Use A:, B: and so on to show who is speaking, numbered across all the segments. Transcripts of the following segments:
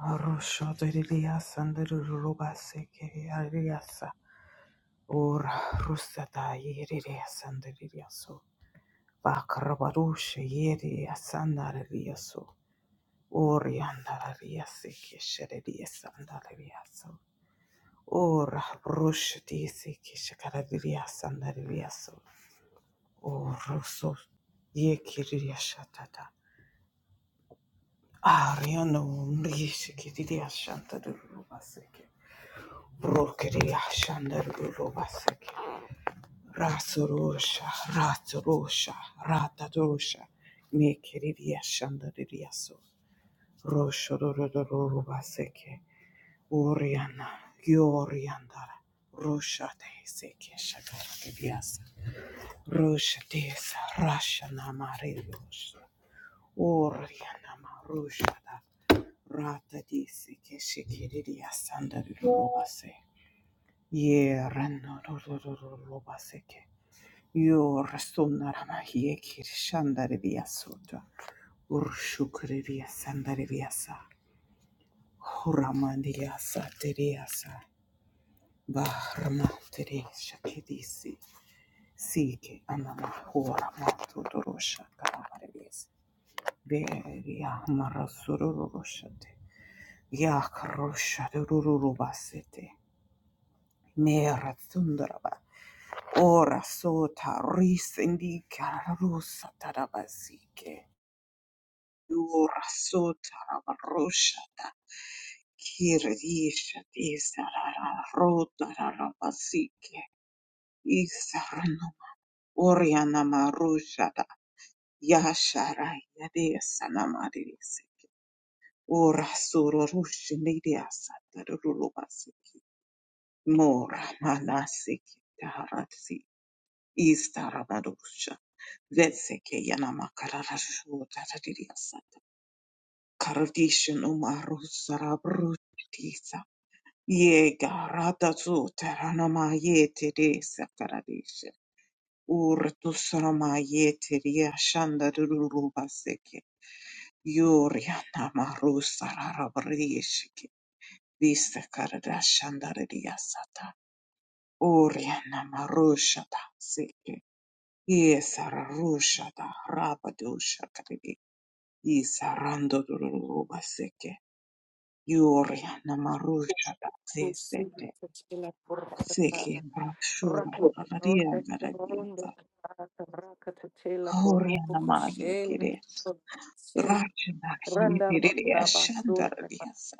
A: Arusho deriliasa nderuluba sekeri ariasa Or rusata yeriliasa nderiliaso vakrabarushe yeriliasa nderiliaso orianda ariasa kesheriliasa nderiliaso Or rushe tisi keshakariliasa nderiliaso Or Aroshodiriyasandirirubasikiriyariyasa. Orarusatayiririyasandiririyaso. Vakravarushayiririyasandariyaso. Oriandarariyasikishiririyasandaririyaso. Orarushatisikishikaraririyasandaririyaso. Orosoyekiriyashatata. Arianomirishikiriyashandarurubasiki. Rokeria Shandarulo Basek Rasurusha Raturusha Ratadusha Mekiria Shandaririasu Roshororo Baseke Oriana Yoriandara Rusha de Seke Shakarias Rusha des Rashana Marius Oriana Marusha Rata di Seke Shikiriria Sandarulo Ye rano ro ro ro ro ro baseke. Yo restona rama hiye kirishandare viyasota. Urshukre viyasandare viyasa. Huramandi yasa teriyasa. Bahrama teri shakedisi. Sike anama horama todorosha karamare viyasa. Veriya marasuroroshate. Yakarosha dururubasete. Mera tundara Ora sota risindika rusa tarabasike. Ora sota rabarosha Kirishati Isarara Rotara Basike Isarana Oriana Marushada Yashara Yadesana Marisike Ora Sururushi Nidia Satarulu Basiki Mora Manasiki Istarabadosha. Veseke yanama kararashu tatatiriyasata. Karadishan umaru sarabrutisa. Yega ratazu taranama yeteresa karadisha. Urtu sarama yeteriya shandarurubaseke. Yuriana maru sararabrishike. Vista karadashandaririyasata. Uriana maru shataseke. Yesararusha da rabadusha karibi. Yisarando rubaseke. Yuria namarusha da zisete.
B: Randa
A: Seke brashura rararia raradieta. Horia namaye kiresa. Rachna yediriya
B: ronda basura,
A: shandaradiesa.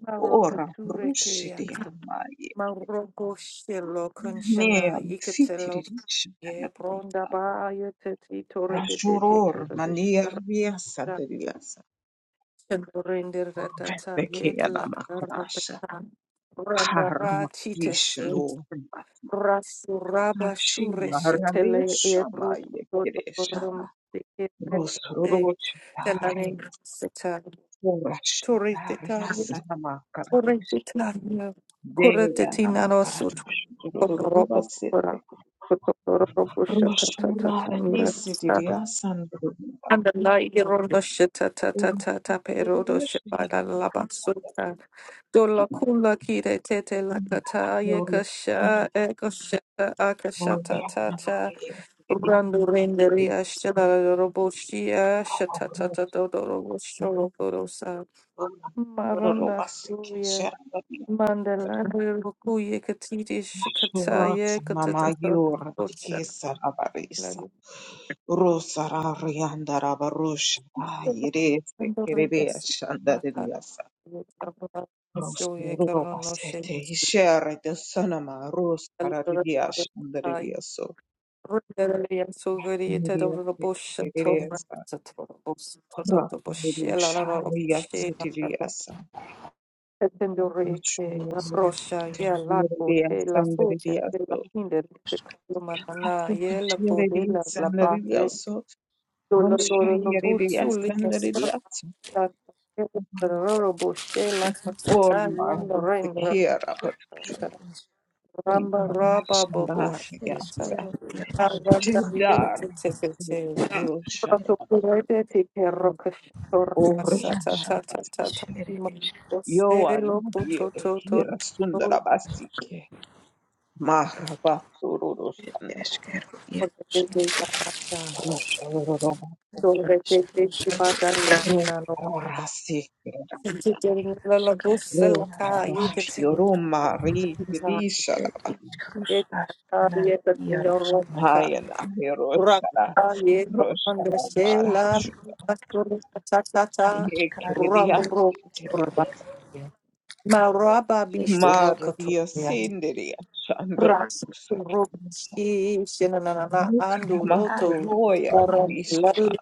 B: maroka
A: Ora
B: turekeya,
A: rushidiya maye.
B: maroko shelo
A: Ne
B: conchana, ikatelo,
A: fitiririsha da
B: ye
A: raradieta.
B: bronda ba, ye teti torebedete
A: Rashuror manir
B: torebishora,
A: viesa
B: Rendere ratata, ye
A: Bekeya
B: kalak, ratata,
A: Ramakasha,
B: yekalak, randa
A: Haramakish,
B: ratite
A: Norbakashi,
B: Rasuraba shure shetele
A: Maralisha,
B: ebro
A: Mayakirisha,
B: dodododorum sekerete telane
A: Rosrochitari,
B: seta
A: Horashitari,
B: turiteta
A: Yasanamakaradesha,
B: turiteta
A: Deya
B: kuretetina rosu ta
A: Namakaradosha, Rubasete,
B: kora kotorobo
A: Roshura,
B: shatatatata mira
A: Yisidiya, Sandru,
B: Andalai rodo shita ta ta ta ta pe rodo shibada la basuta. Dola kula kire tete la kata ye kasha e kashata akashata ta ta.
A: Sandru,
B: Randu renderi ashtela robo shia shata ta ta do do korosa. Maranda suya. Mandala roku ye katiti shikata ye
A: Rosa mama
B: katata
A: yura
B: robo
A: tikisa rabarisa. Rosa rarianda rabarusha irese kereria shandariasa.
B: Dolorable
A: Rosa ruro basete ishere de sonama rosa rariria shandariaso. Maria kereria sa. Rosa rurusha riasetiriasa. Roshan, the year of the sandalwood, so Roshniya of the sandalwood, so Roshayya of the sandalwood, so
B: shell, like a
A: all my dekhiya for you,
B: Ramba
A: my
B: raba bobo
A: shanta
B: shieta.
A: hameya,
B: Aranda
A: Shirdar,
B: yete tefete.
A: Roshadar,
B: Protokurete teke rokashito ramasa ta
A: Oridar,
B: ta ta ta ta.
A: Basiki,
B: Oselo
A: Yawanbi,
B: kuto to
A: Dekhiya,
B: to. No
A: Sundarabasi, Maharabasururushanda,
B: korete de tabata.
A: Roshanurada.
B: Torete de tabata ta inano.
A: Rukarasi
B: Sitting la la busa la ka yete
A: rukarash
B: tse.
A: yoruma ri rishara
B: Yeta ta yeta tino
A: hayana hiroshara
B: Raka ye no kanda
A: roshara
B: shela
A: marash
B: maskuru tatata
A: yekeriya
B: rambro
A: sitere
B: raba maraba bisho rokoto
A: marudiya
B: ya
A: sindiriya shandar
B: ras
A: usake
B: roki shenanana ando
A: rukarama
B: loto
A: kuloya
B: param
A: rishana
B: laru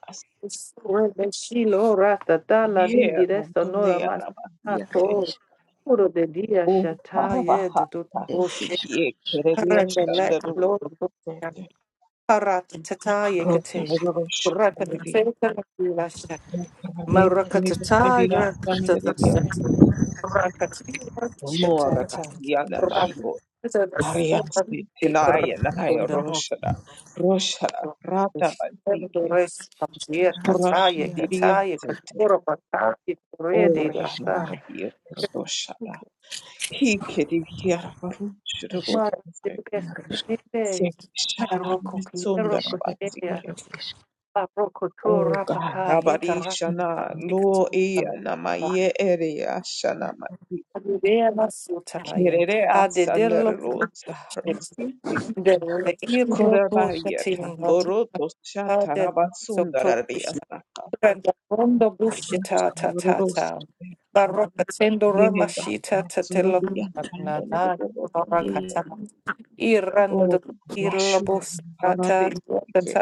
B: rebe shilo rata dala di di
A: yera
B: resta nora
A: dunia
B: man
A: rabagite
B: ako puro de dia shata ye de do
A: uharabahata
B: boshe
A: yekeriya
B: rende
A: shandar
B: le
A: usake
B: Paratata yekate.
A: roshara roshara
B: Rakatata lasha. Marakatata rakatata sata. Rakatata shatata. Rakatata sata. Ikrasunda hosta. The rest comes here. Kataya, kataya, katura, pataki, ready, rasta. Mara, the best, the best. Meroko, Meroko, Barokotora paka yekara mikatam. Adivera sutaya.
A: Kerere
B: Adedelo.
A: asanarosa
B: shit.
A: rosiki
B: Derle irlo
A: korabaya
B: pokatin.
A: tamboro dosha
B: Adet
A: tarabasundara
B: sotokush.
A: riasaka
B: Randa rondo bushita ta ta
A: roskoros
B: ta. Barokatendo
A: yega
B: ramashita tatelo.
A: asuradia
B: Na na
A: pandaliboro
B: barakata.
A: o
B: Irando de
A: rashu
B: irlo
A: harade
B: tata
A: ke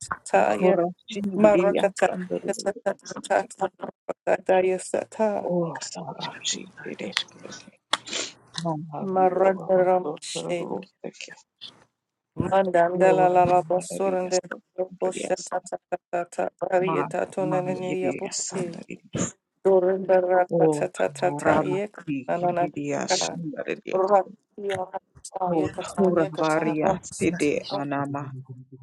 B: Tataye.
A: korashin diriya
B: Marakata
A: pandaliboro sete
B: Kataya Sata
A: o sarashi dire sete mama o
B: Marandaram She
A: dotoro sete
B: Mandandala
A: yore
B: Lala Basurande
A: riasaka
B: Boshta
A: riasaka
B: tata Tata
A: Ma
B: Varieta
A: ma
B: Tonaninia
A: yediya
B: Buski
A: sandari.
B: Dorinda
A: O
B: Rakata tata
A: rama
B: Yek
A: tiki
B: Anana
A: yediya
B: Ratia
A: shandari dios. O
B: Yakata
A: thora
B: Yakata
A: variya sede
B: Yakata
A: anama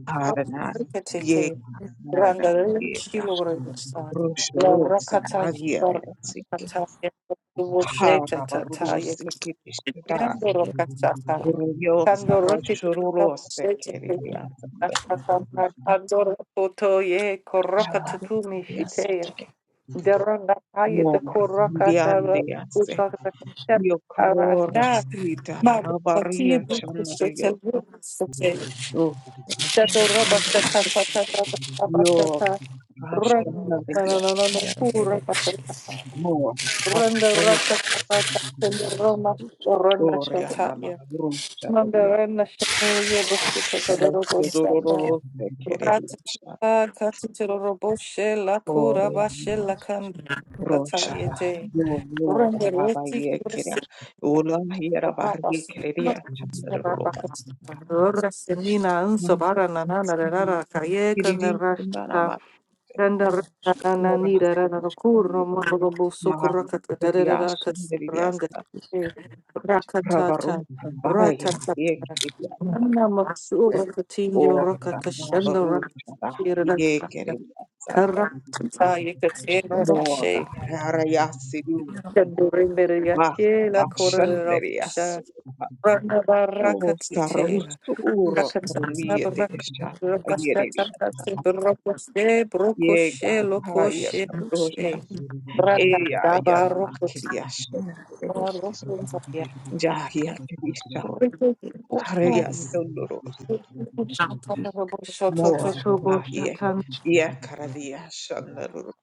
A: arana
B: Rakatete,
A: yeka narana
B: Randarinchi
A: yeka.
B: Lorisa, La
A: Roshorosa
B: Rakataki
A: magyere siki.
B: Rakataya, the
A: Hara
B: Wosheta
A: varuru
B: Tataya,
A: siki pishtada.
B: Kando Rakataka,
A: Guryosa
B: Kando Rakitaka,
A: roshororose keriya sandari.
B: Ashata, Kando Kotoye,
A: Ah,
B: Korakatumi
A: yediya
B: Shitea,
A: satari.
B: Deranda Haya, the
A: Mor,
B: Korakata, Usaka,
A: Yokrora
B: Arasha,
A: sita
B: Mabati,
A: rabaria chandario soto
B: Bukusheta, Shato raba shata tata tata raba
A: yo
B: shata. Randa raba no
A: rashandaria
B: no no no ku raba shata.
A: more
B: Randa
A: akotoria
B: raka tata tata roma randa shata
A: nama
B: ya. Manda
A: rusharia
B: randa shano ya bashi tata robo
A: rasodororo
B: shata.
A: sekereria
B: Rata
A: sha
B: tata kati tata robo she la ku
A: oria
B: raba she
A: nama
B: la kan tata
A: roshara
B: yete.
A: yo yo
B: Randa
A: rabaria keria
B: reti
A: ola hiera baria kereria chandario bas
B: Rasenina unsubara nanana rara kayeka
A: kiriri
B: nerashata
A: nama
B: randa nana
A: ora
B: nira rara kuro moro busuku
A: Mahari
B: rakata rara
A: Vidyasha
B: kasibranda
A: Vidyasa Pravaru
B: rakatata
A: pravāya,
B: ratatata
A: Yekrivyasa
B: nana maksura katinjo
A: Orta
B: rakata shanda
A: Mavarusha
B: rakira rakata
A: Yekrivyasa
B: karatata yekatera
A: Moga
B: ashe
A: Rarayasidu
B: Kandurimbere
A: Vaka
B: yakela korera
A: Vashandariyasu
B: Rakatia,
A: O
B: Rakatata,
A: Sarustu Uro Pramiyate
B: Baraka,
A: Shana
B: Rakatata,
A: Yerevya
B: Brokoshe,
A: Yega
B: Brokoshe,
A: Raya
B: Lokoshe,
A: Karusha
B: She, Branda,
A: Eya
B: Daba, Rokota,
A: Yanamakiriyasha
B: Rokunzaya,
A: Jahya Kirisha
B: Rikota,
A: Hariyasu
B: Shata, Raboshoto,
A: Mora
B: Toto,
A: maye
B: Boshatan,
A: ya karadia shandaru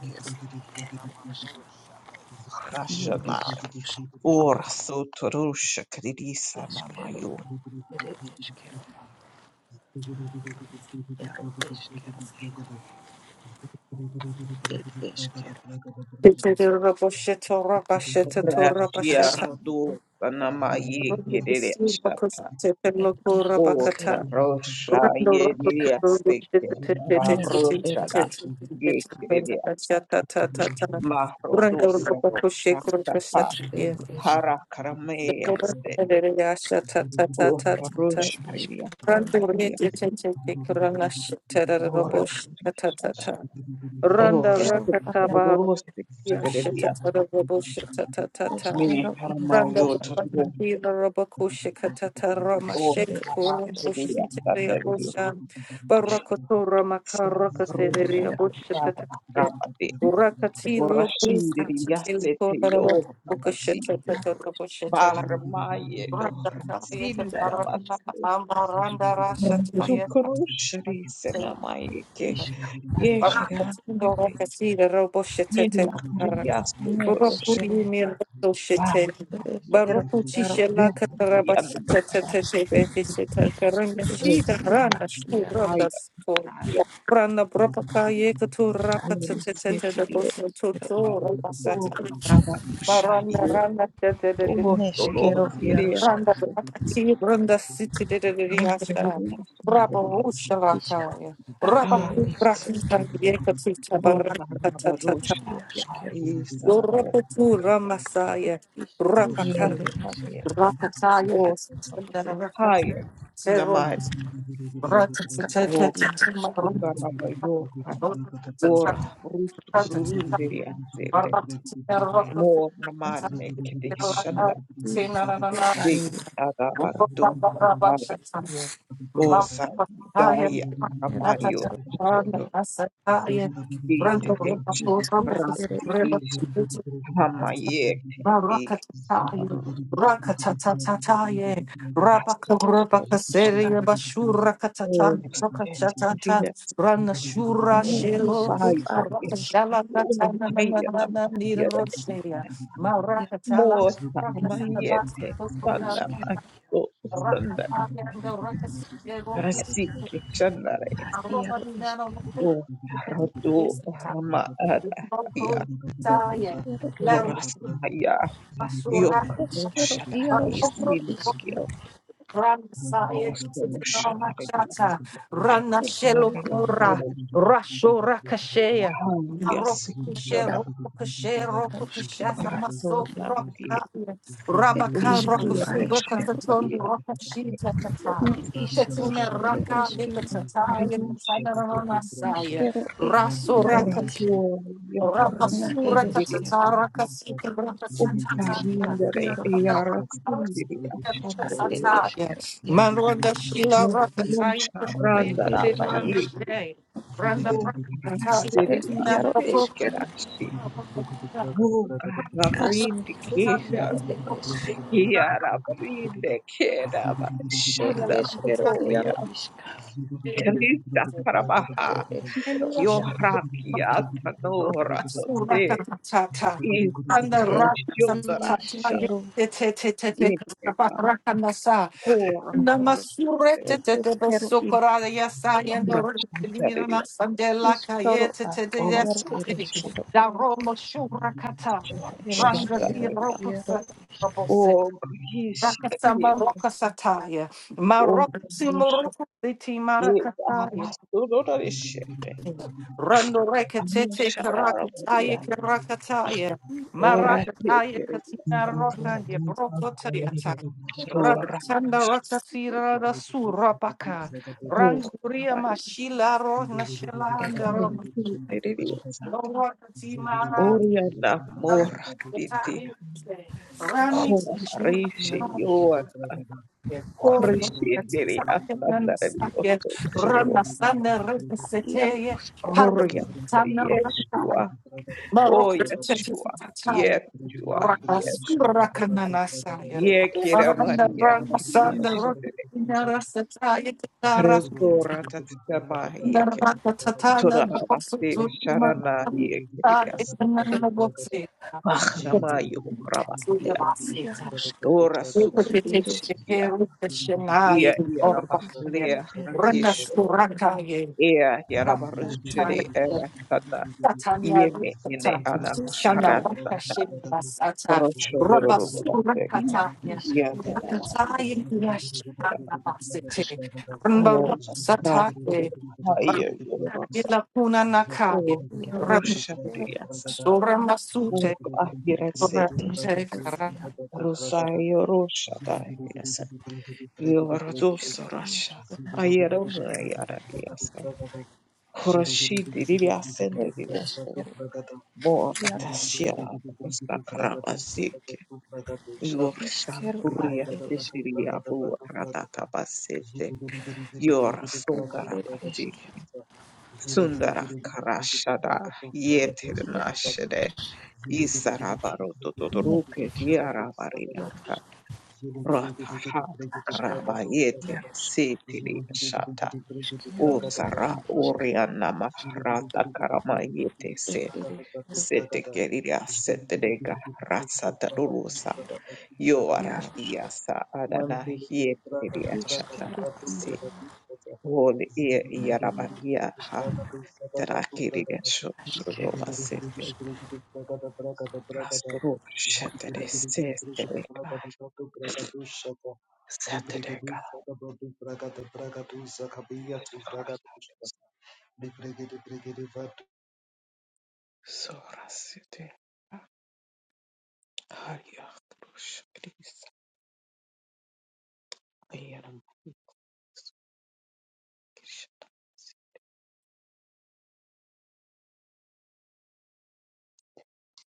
A: desikia na marusha rashana or sotorusha kridisa na mayo
B: Tete, Rabosheto, Rabasheta,
A: brashia
B: Torabashata,
A: rodu sanamaye maye kedere
B: Rokoshe,
A: shata
B: Rokoshe, Loko,
A: o
B: Rabakata,
A: rosha
B: Randa
A: yediria seke ravrosha da ye kedere mahrodosa rashata hara karameyeste o rosha ridia Ora Shada. Or
B: rakataba
A: Rosti Stedia.
B: yashatata robo shatata tata.
A: Me
B: Randa
A: Hermayo Tabo
B: Bandira Rabakusha Katatara
A: or
B: Mashek Kurum
A: Saratidia
B: Bushiteria
A: Sanderio.
B: Busha Barakotora Makaraka
A: Sanabrosha
B: Severia Busha
A: Baba
B: Tataria
A: Rabati.
B: Urakati
A: Ora
B: Lopus
A: Shindiria
B: Tatil Kora
A: Setio
B: Bukasheta
A: Nabasiko.
B: Tatata Bushetala
A: Barmaye Dora
B: Randa Kaya Kataranda
A: Sindarabatsu.
B: Amaranda Rasha Taya
A: Sukrushri Senamayeke.
B: Barakatindo
A: Yekerapete.
B: Rakasira
A: Yeri
B: Robosheta
A: Akariasu Torosh.
B: Rokuri mirdo shete. Baroku tishela
A: This is the
B: kataraba
A: um,
B: shita
A: about a
B: tete
A: trip.
B: beke shita karanga
A: Oh,
B: shita
A: how
B: rana
A: much
B: shu
A: I
B: randa sko.
A: God.
B: Rana bropaka yeka raka
A: Oh,
B: tete tete de
A: city.
B: boso toto raba
A: Oh, God, how about you, shy?
B: Barana rana tete de
A: Oh, so
B: beke.
A: Lord, yeah.
B: Randa
A: Oh,
B: raka randa siti de de riasha. Raba
A: yeah.
B: ushalaka. Raba
A: Ah,
B: tu
A: so,
B: raka
A: oh, God, how about you,
B: tabaraka
A: shy? God, is, uh, no,
B: Yorapatu Ramasaya Rapaka
A: no, no, yeah.
B: Rapataya
A: Oh, how about you,
B: Rakat
A: higher? In the
B: Zero
A: mind. Oh, God, how about you, God? Ora, rust,
B: Ratataya
A: krurunde, more nomadic shanda big adabado ada osa jaya hamayo soto it ancient rati is hamayete big
B: Barakatataye,
A: abaru
B: rakatatataye,
A: hasto
B: rabakarakasere, bashurakatata,
A: all sket
B: rakachatata,
A: jia
B: ranashura shelo,
A: vai
B: arakashala
A: all
B: katana na na
A: haya
B: na na
A: yada
B: nirosheya, marakatala,
A: more
B: rakasatabas,
A: hamayete
B: totuna,
A: sanda maso sanda
B: rakataya, rakasere,
A: Rasiki Chandare O Radu Rama Adahaya Orasmaya
B: Basura,
A: Yokroshada Isilvia
B: Ramasaya
A: Osoroshadaria
B: Machata Rana
A: Maria
B: Shelokura Rasho Rakashea
A: Soroshaya
B: Roku Kushe
A: Sikara
B: Roku Kushe Roku Kishasa Maso
A: Ratonavia
B: Rokaya Rabaka Rokusu Rokataton
A: Urtoroshandaria
B: Rokashita Tata Tetima Raka Likatata Yasanana
A: Karinchia
B: Masaya Raso
A: Oratoria
B: Rapasura
A: Kratindiria
B: katatara kasika rapasatata.
A: Umtarindere Yara Sindiri Ashandri
B: Rapasataya. Malwanda shila rakataya
A: Nokumusha
B: kataya
A: randaramba
B: katilanda
A: yeke
B: shay. Randa rakataya
A: mukarasiria
B: tina rapo.
A: sekerashira
B: Rapasataya.
A: mukarapindi kesha
B: Shina
A: kiarapinde keraba shandara
B: rapasataya.
A: hoya krista karabaha yohrakia tanora se iskrashiondarasha yekega hora kroshite hora shandariya Otsana Shanda Shanda, O Greece,
B: Rakasama
A: Crete,
B: Rokasataya,
A: O Samosa,
B: Marokasimurokusiti
A: Ye,
B: Marakasaya.
A: Arasororishete,
B: Rando rekatete karakataya
A: Amosharabia,
B: karakataya.
A: O
B: Marakataya
A: Raseteria,
B: katina rokandye brokotayata.
A: Rora,
B: Rakatanda rakatira da surapaka.
A: O
B: Ranguria
A: Havai,
B: mashila rona shalanda roma.
A: Raseteria, Sata,
B: Lorakati mara.
A: Oriana, Mora, Titi,
B: Rani
A: Hora, Rishi, Yoan,
B: Oh, that's
A: Krishindiri,
B: something I'm
A: Asandarani,
B: stuck in.
A: Osoturu,
B: Rana sana rata sete,
A: Oriana,
B: parutana rata,
A: Yeshua, O
B: Morocco
A: Yeshua,
B: tetetetai,
A: Yeshua,
B: Rana
A: Yeshua.
B: skura kanana saya.
A: Ye kira
B: Rana
A: mania
B: rana sana
A: krisha
B: rata
A: teresa.
B: nara setai kara,
A: Rezora tatama
B: nara
A: yeke.
B: tatana
A: Todarama
B: bosu
A: te
B: tutuma
A: sharana
B: ta
A: yekirias.
B: ikanana bosi.
A: Bahrama
B: Suya
A: yokrabatia.
B: basita.
A: Ora
B: Rana
A: sukrishindia. Ia iara mahlea ratishiro. Ia iara barushiri era sana. Yeme ene ana maharatata. Rocho dororo mubaseke. Ia tarara. Oh, Nahu, Haya, Yorosa, Oh, Rusha, Diasa, Oh, Ahirasete, Rosayo, Rosha, Diasa, Yordos, Rasha, Ayerona, Yara, Diasa, Horashi, Diasa, Diasa, Mora, Tashira, Rostakaraba, Sike, Yorsa, Buria, Diria, Bu, Ratata, Basete, Yor, Sundara, Sundara Karashada Yetirnashede Isarabaro Totoruke Diarabaria Rataha Karabayete Sitiri Shata Usara Uriana Mahrata Karamayete Se Sete Kerira Setega Ratsata Rurusa Yoara Diasa Adana Yetiria Shataramasi Holy Yarabaria Terakiriga shororo basete shetere sestere kai setere kai sorasete aria krushkris ayaram kris.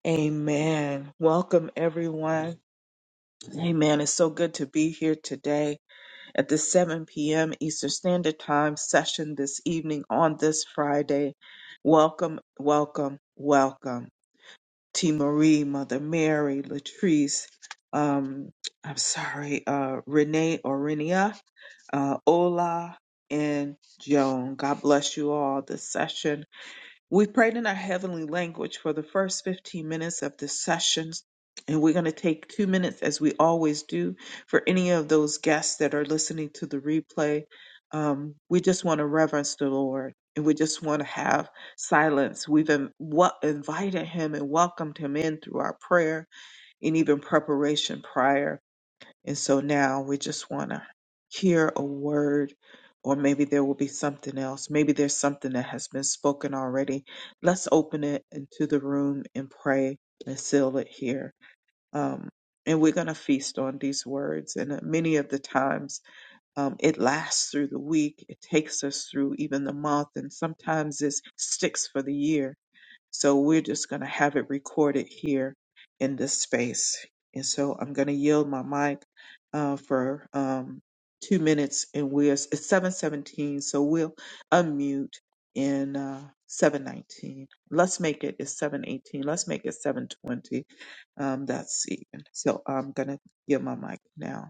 A: Amen. Welcome everyone. Amen. It's so good to be here today at the 7 p.m. Eastern Standard Time session this evening on this Friday. Welcome, welcome, welcome. T. Marie, Mother Mary, Latrice, um, I'm sorry, uh, Renee or Renia, uh, Ola, and Joan. God bless you all. The session we prayed in our heavenly language for the first 15 minutes of this session, and we're going to take two minutes, as we always do, for any of those guests that are listening to the replay. Um, we just want to reverence the Lord, and we just want to have silence. We've in, wa- invited Him and welcomed Him in through our prayer and even preparation prior. And so now we just want to hear a word, or maybe there will be something else. Maybe there's something that has been spoken already. Let's open it into the room and pray and seal it here. Um, and we're going to feast on these words. And uh, many of the times um, it lasts through the week, it takes us through even the month, and sometimes it sticks for the year so we're just going to have it recorded here in this space. And so I'm going to yield my mic uh, for um, two minutes, and we're it's 7:17, so we'll unmute in uh, 7:19. Let's make it it's 7:18. Let's make it 7:20. Um, that's even. So I'm going to give my mic now.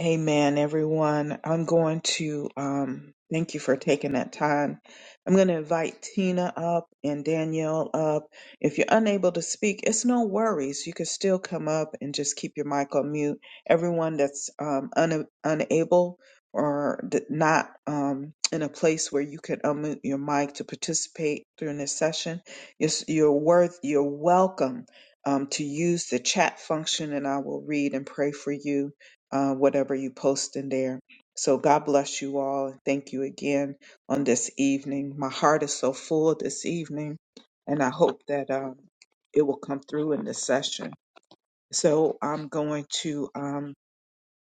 A: Amen, everyone. I'm going to um, thank you for taking that time. I'm going to invite Tina up and Danielle up. If you're unable to speak, it's no worries. You can still come up and just keep your mic on mute. Everyone that's um, un- unable or d- not um, in a place where you can unmute your mic to participate during this session, you're, s- you're worth. You're welcome um, to use the chat function, and I will read and pray for you uh, whatever you post in there. So God bless you all. Thank you again on this evening. My heart is so full this evening, and I hope that um, it will come through in this session. So I'm going to um,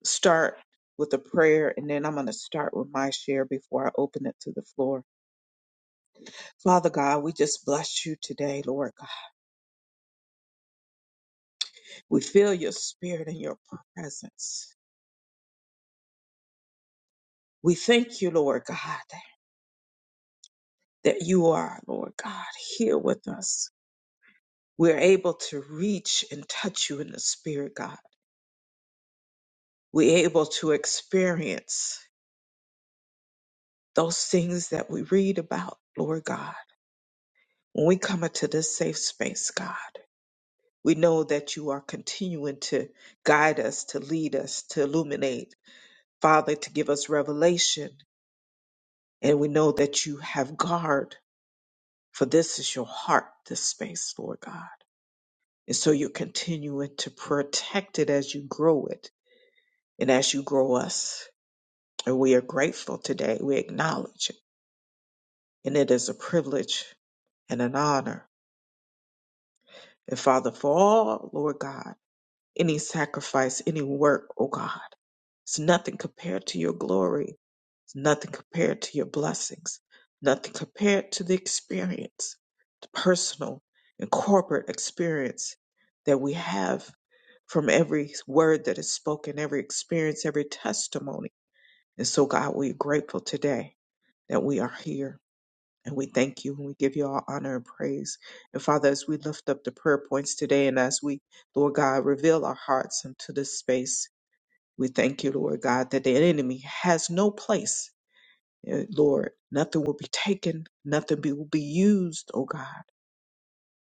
A: start with a prayer, and then I'm going to start with my share before I open it to the floor. Father God, we just bless you today, Lord God. We feel your spirit and your presence. We thank you, Lord God, that you are, Lord God, here with us. We're able to reach and touch you in the spirit, God. We're able to experience those things that we read about, Lord God. When we come into this safe space, God, we know that you are continuing to guide us, to lead us, to illuminate, Father, to give us revelation. And we know that you have guard, for this is your heart, this space, Lord God. And so you're continuing to protect it as you grow it and as you grow us. And we are grateful today. We acknowledge it. And it is a privilege and an honor. And Father, for all, Lord God, any sacrifice, any work, oh God, it's nothing compared to your glory. It's nothing compared to your blessings. Nothing compared to the experience, the personal and corporate experience that we have from every word that is spoken, every experience, every testimony. And so, God, we're grateful today that we are here And we thank you and we give you all honor and praise. And Father, as we lift up the prayer points today and as we, Lord God, reveal our hearts into this space, we thank you, Lord God, that the enemy has no place. Eh, Lord, nothing will be taken, nothing be, will be used, oh God,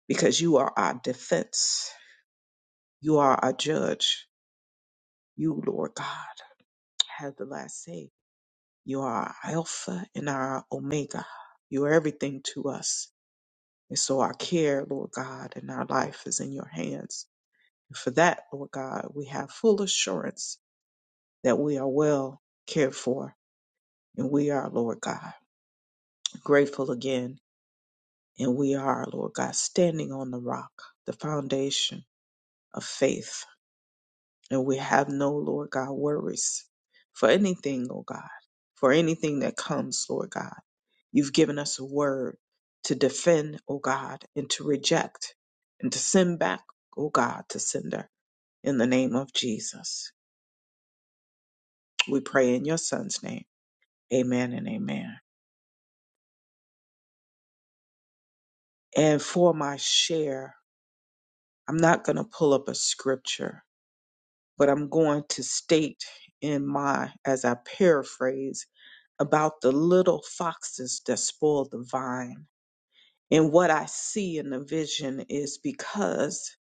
A: because you are our defense. You are our judge. You, Lord God, have the last say. You are our Alpha and our Omega. You are everything to us. And so our care, Lord God, and our life is in your hands. And for that, Lord God, we have full assurance that we are well cared for. And we are, Lord God, grateful again. And we are, Lord God, standing on the rock, the foundation of faith. And we have no, Lord God, worries for anything, oh God, for anything that comes, Lord God. You've given us a word to defend, oh God, and to reject and to send back, oh God, to sender in the name of Jesus. We pray in your son's name. Amen and amen. And for my share, I'm not going to pull up a scripture, but I'm going to state in my, as I paraphrase, about the little foxes that spoil the vine. And what I see in the vision is because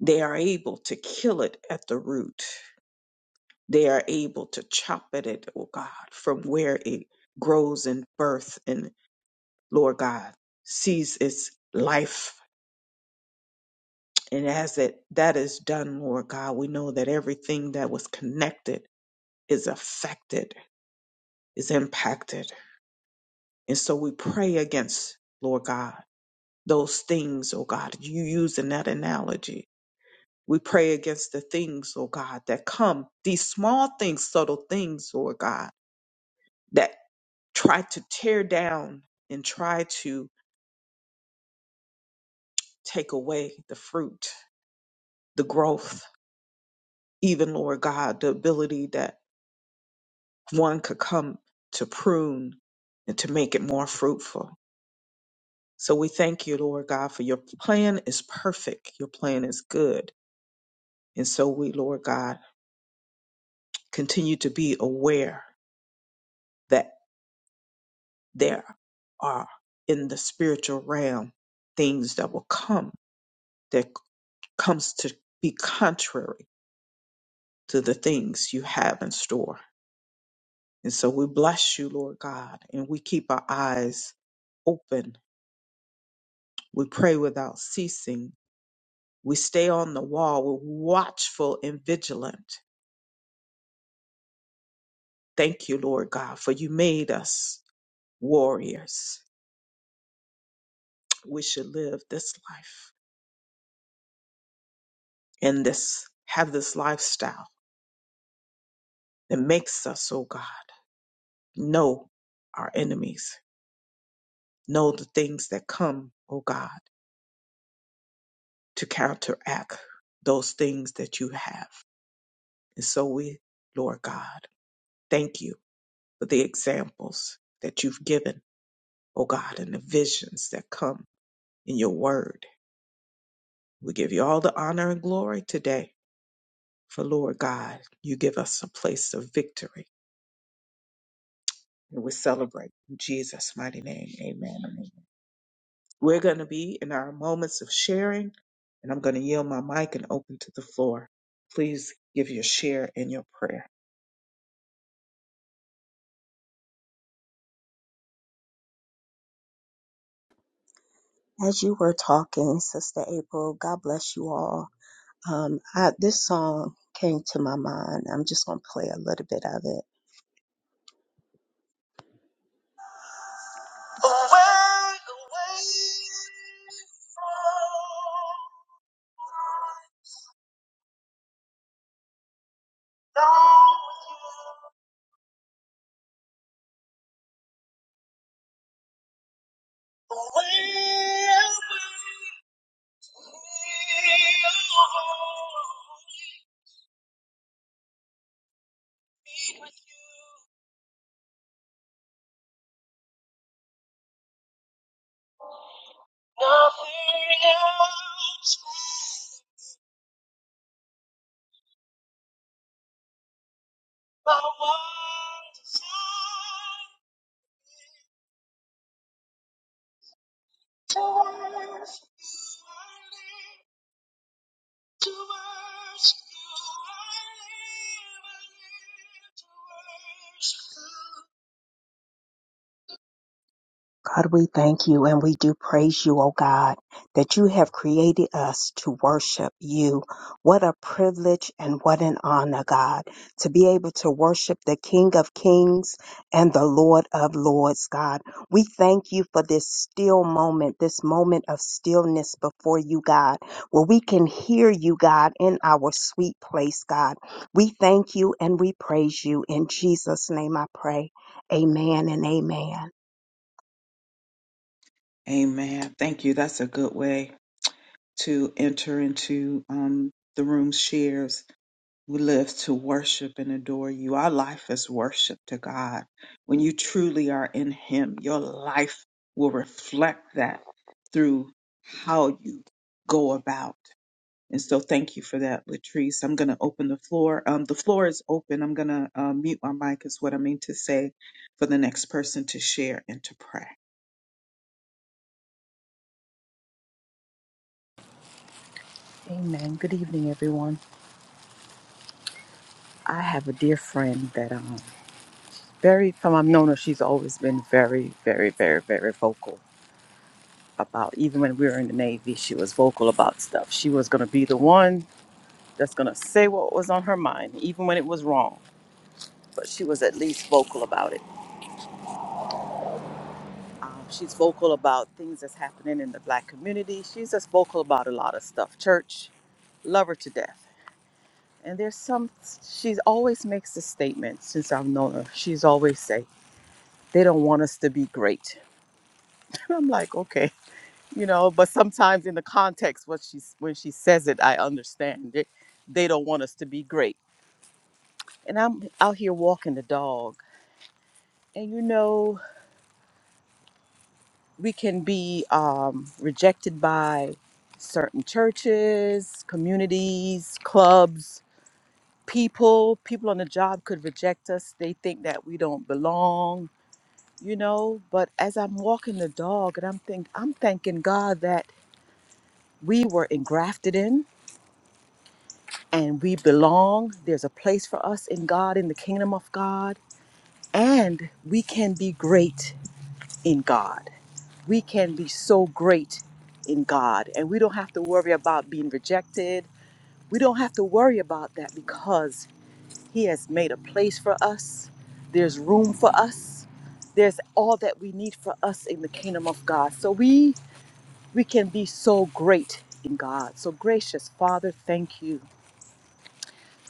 A: they are able to kill it at the root, they are able to chop at it, oh God, from where it grows in birth and Lord God, sees its life. And as it that is done, Lord God, we know that everything that was connected is affected, is impacted. And so we pray against, Lord God, those things, oh God, you use in that analogy. We pray against the things, oh God, that come, these small things, subtle things, Lord God, that try to tear down and try to take away the fruit, the growth, even Lord God, the ability that one could come to prune and to make it more fruitful. So we thank you, Lord God, for your plan is perfect. Your plan is good. And so we, Lord God, continue to be aware that there are in the spiritual realm things that will come that comes to be contrary to the things you have in store. And so we bless you, Lord God, and we keep our eyes open We pray without ceasing. We stay on the wall. We're watchful and vigilant. Thank you, Lord God, for you made us warriors. We should live this life and this, have this lifestyle that makes us, oh God, know our enemies, know the things that come, oh God, to counteract those things that you have. And so we, Lord God, thank you for the examples that you've given oh God, and the visions that come in your word. We give you all the honor and glory today. For Lord God, you give us a place of victory. And we celebrate in Jesus' mighty name. Amen. and amen. We're going to be in our moments of sharing, and I'm going to yield my mic and open to the floor. Please give your share and your prayer.
C: As you were talking, Sister April, God bless you all. Um, I, this song came to my mind. I'm just going to play a little bit of it. God, we thank you and we do praise you, O God, that you have created us to worship you. What a privilege and what an honor, God, to be able to worship the King of Kings and the Lord of Lords, God. We thank you for this still moment, this moment of stillness before you, God, where we can hear you, God, in our sweet place, God. We thank you and we praise you. In Jesus' name I pray. Amen and amen.
A: Amen. Thank you. That's a good way to enter into um, the room shares We live to worship and adore you. Our life is worship to God. When you truly are in Him, your life will reflect that through how you go about. And so, thank you for that, Latrice. I'm going to open the floor. Um, the floor is open. I'm going to uh, mute my mic, is what I mean to say, for the next person to share and to pray.
D: Amen. Good evening, everyone. I have a dear friend that um very from I've known her, she's always been very, very, very, very vocal about even when we were in the Navy, she was vocal about stuff. She was gonna be the one that's gonna say what was on her mind, even when it was wrong. But she was at least vocal about it. Um, she's vocal about things that's happening in the black community. She's just vocal about a lot of stuff. Church, love her to death. And there's some, she always makes this statement since I've known her. She's always say. they don't want us to be great. I'm like, okay, you know, but sometimes in the context what she's when she says it, I understand it. They don't want us to be great. And I'm out here walking the dog. And you know, we can be um, rejected by certain churches, communities, clubs, people. People on the job could reject us. They think that we don't belong, you know. But as I'm walking the dog and I'm think I'm thanking God that we were engrafted in and we belong. There's a place for us in God, in the kingdom of God, and we can be great in God. We can be so great in God, and we don't have to worry about being rejected. We don't have to worry about that because He has made a place for us. There's room for us. There's all that we need for us in the kingdom of God. So we we can be so great in God. So gracious Father, thank you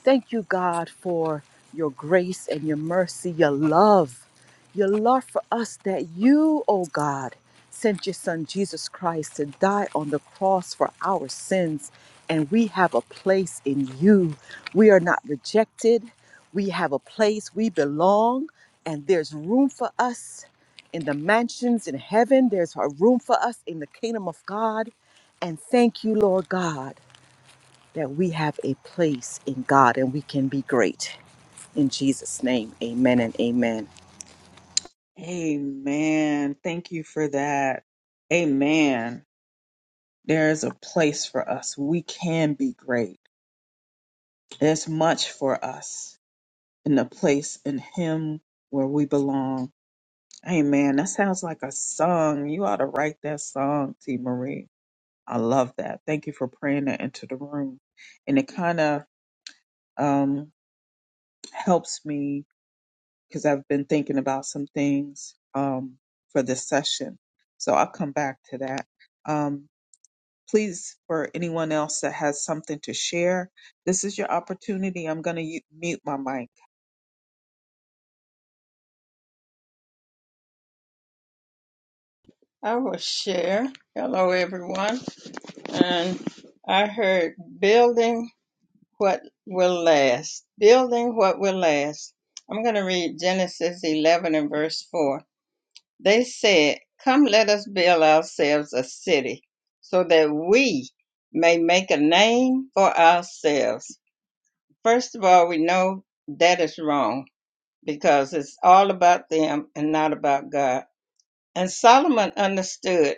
D: Thank you, God, for your grace and your mercy, your love, your love for us that you, oh God, sent your son Jesus Christ to die on the cross for our sins. And we have a place in you. We are not rejected. We have a place. We belong. And there's room for us in the mansions in heaven. There's a room for us in the kingdom of God. And thank you, Lord God that we have a place in God and we can be great. In Jesus' name, amen and amen.
A: Amen. Thank you for that. Amen. There is a place for us. We can be great. There's much for us in the place in Him where we belong. Amen. That sounds like a song. You ought to write that song, T. Marie. I love that. Thank you for praying that into the room. And it kind of um, helps me because I've been thinking about some things um, for this session. So I'll come back to that. Um, please, for anyone else that has something to share, this is your opportunity. I'm going to mute my mic.
E: I will share. Hello, everyone. And I heard building what will last. Building what will last. I'm going to read Genesis 11 and verse 4. They said, Come, let us build ourselves a city so that we may make a name for ourselves. First of all, we know that is wrong because it's all about them and not about God. And Solomon understood.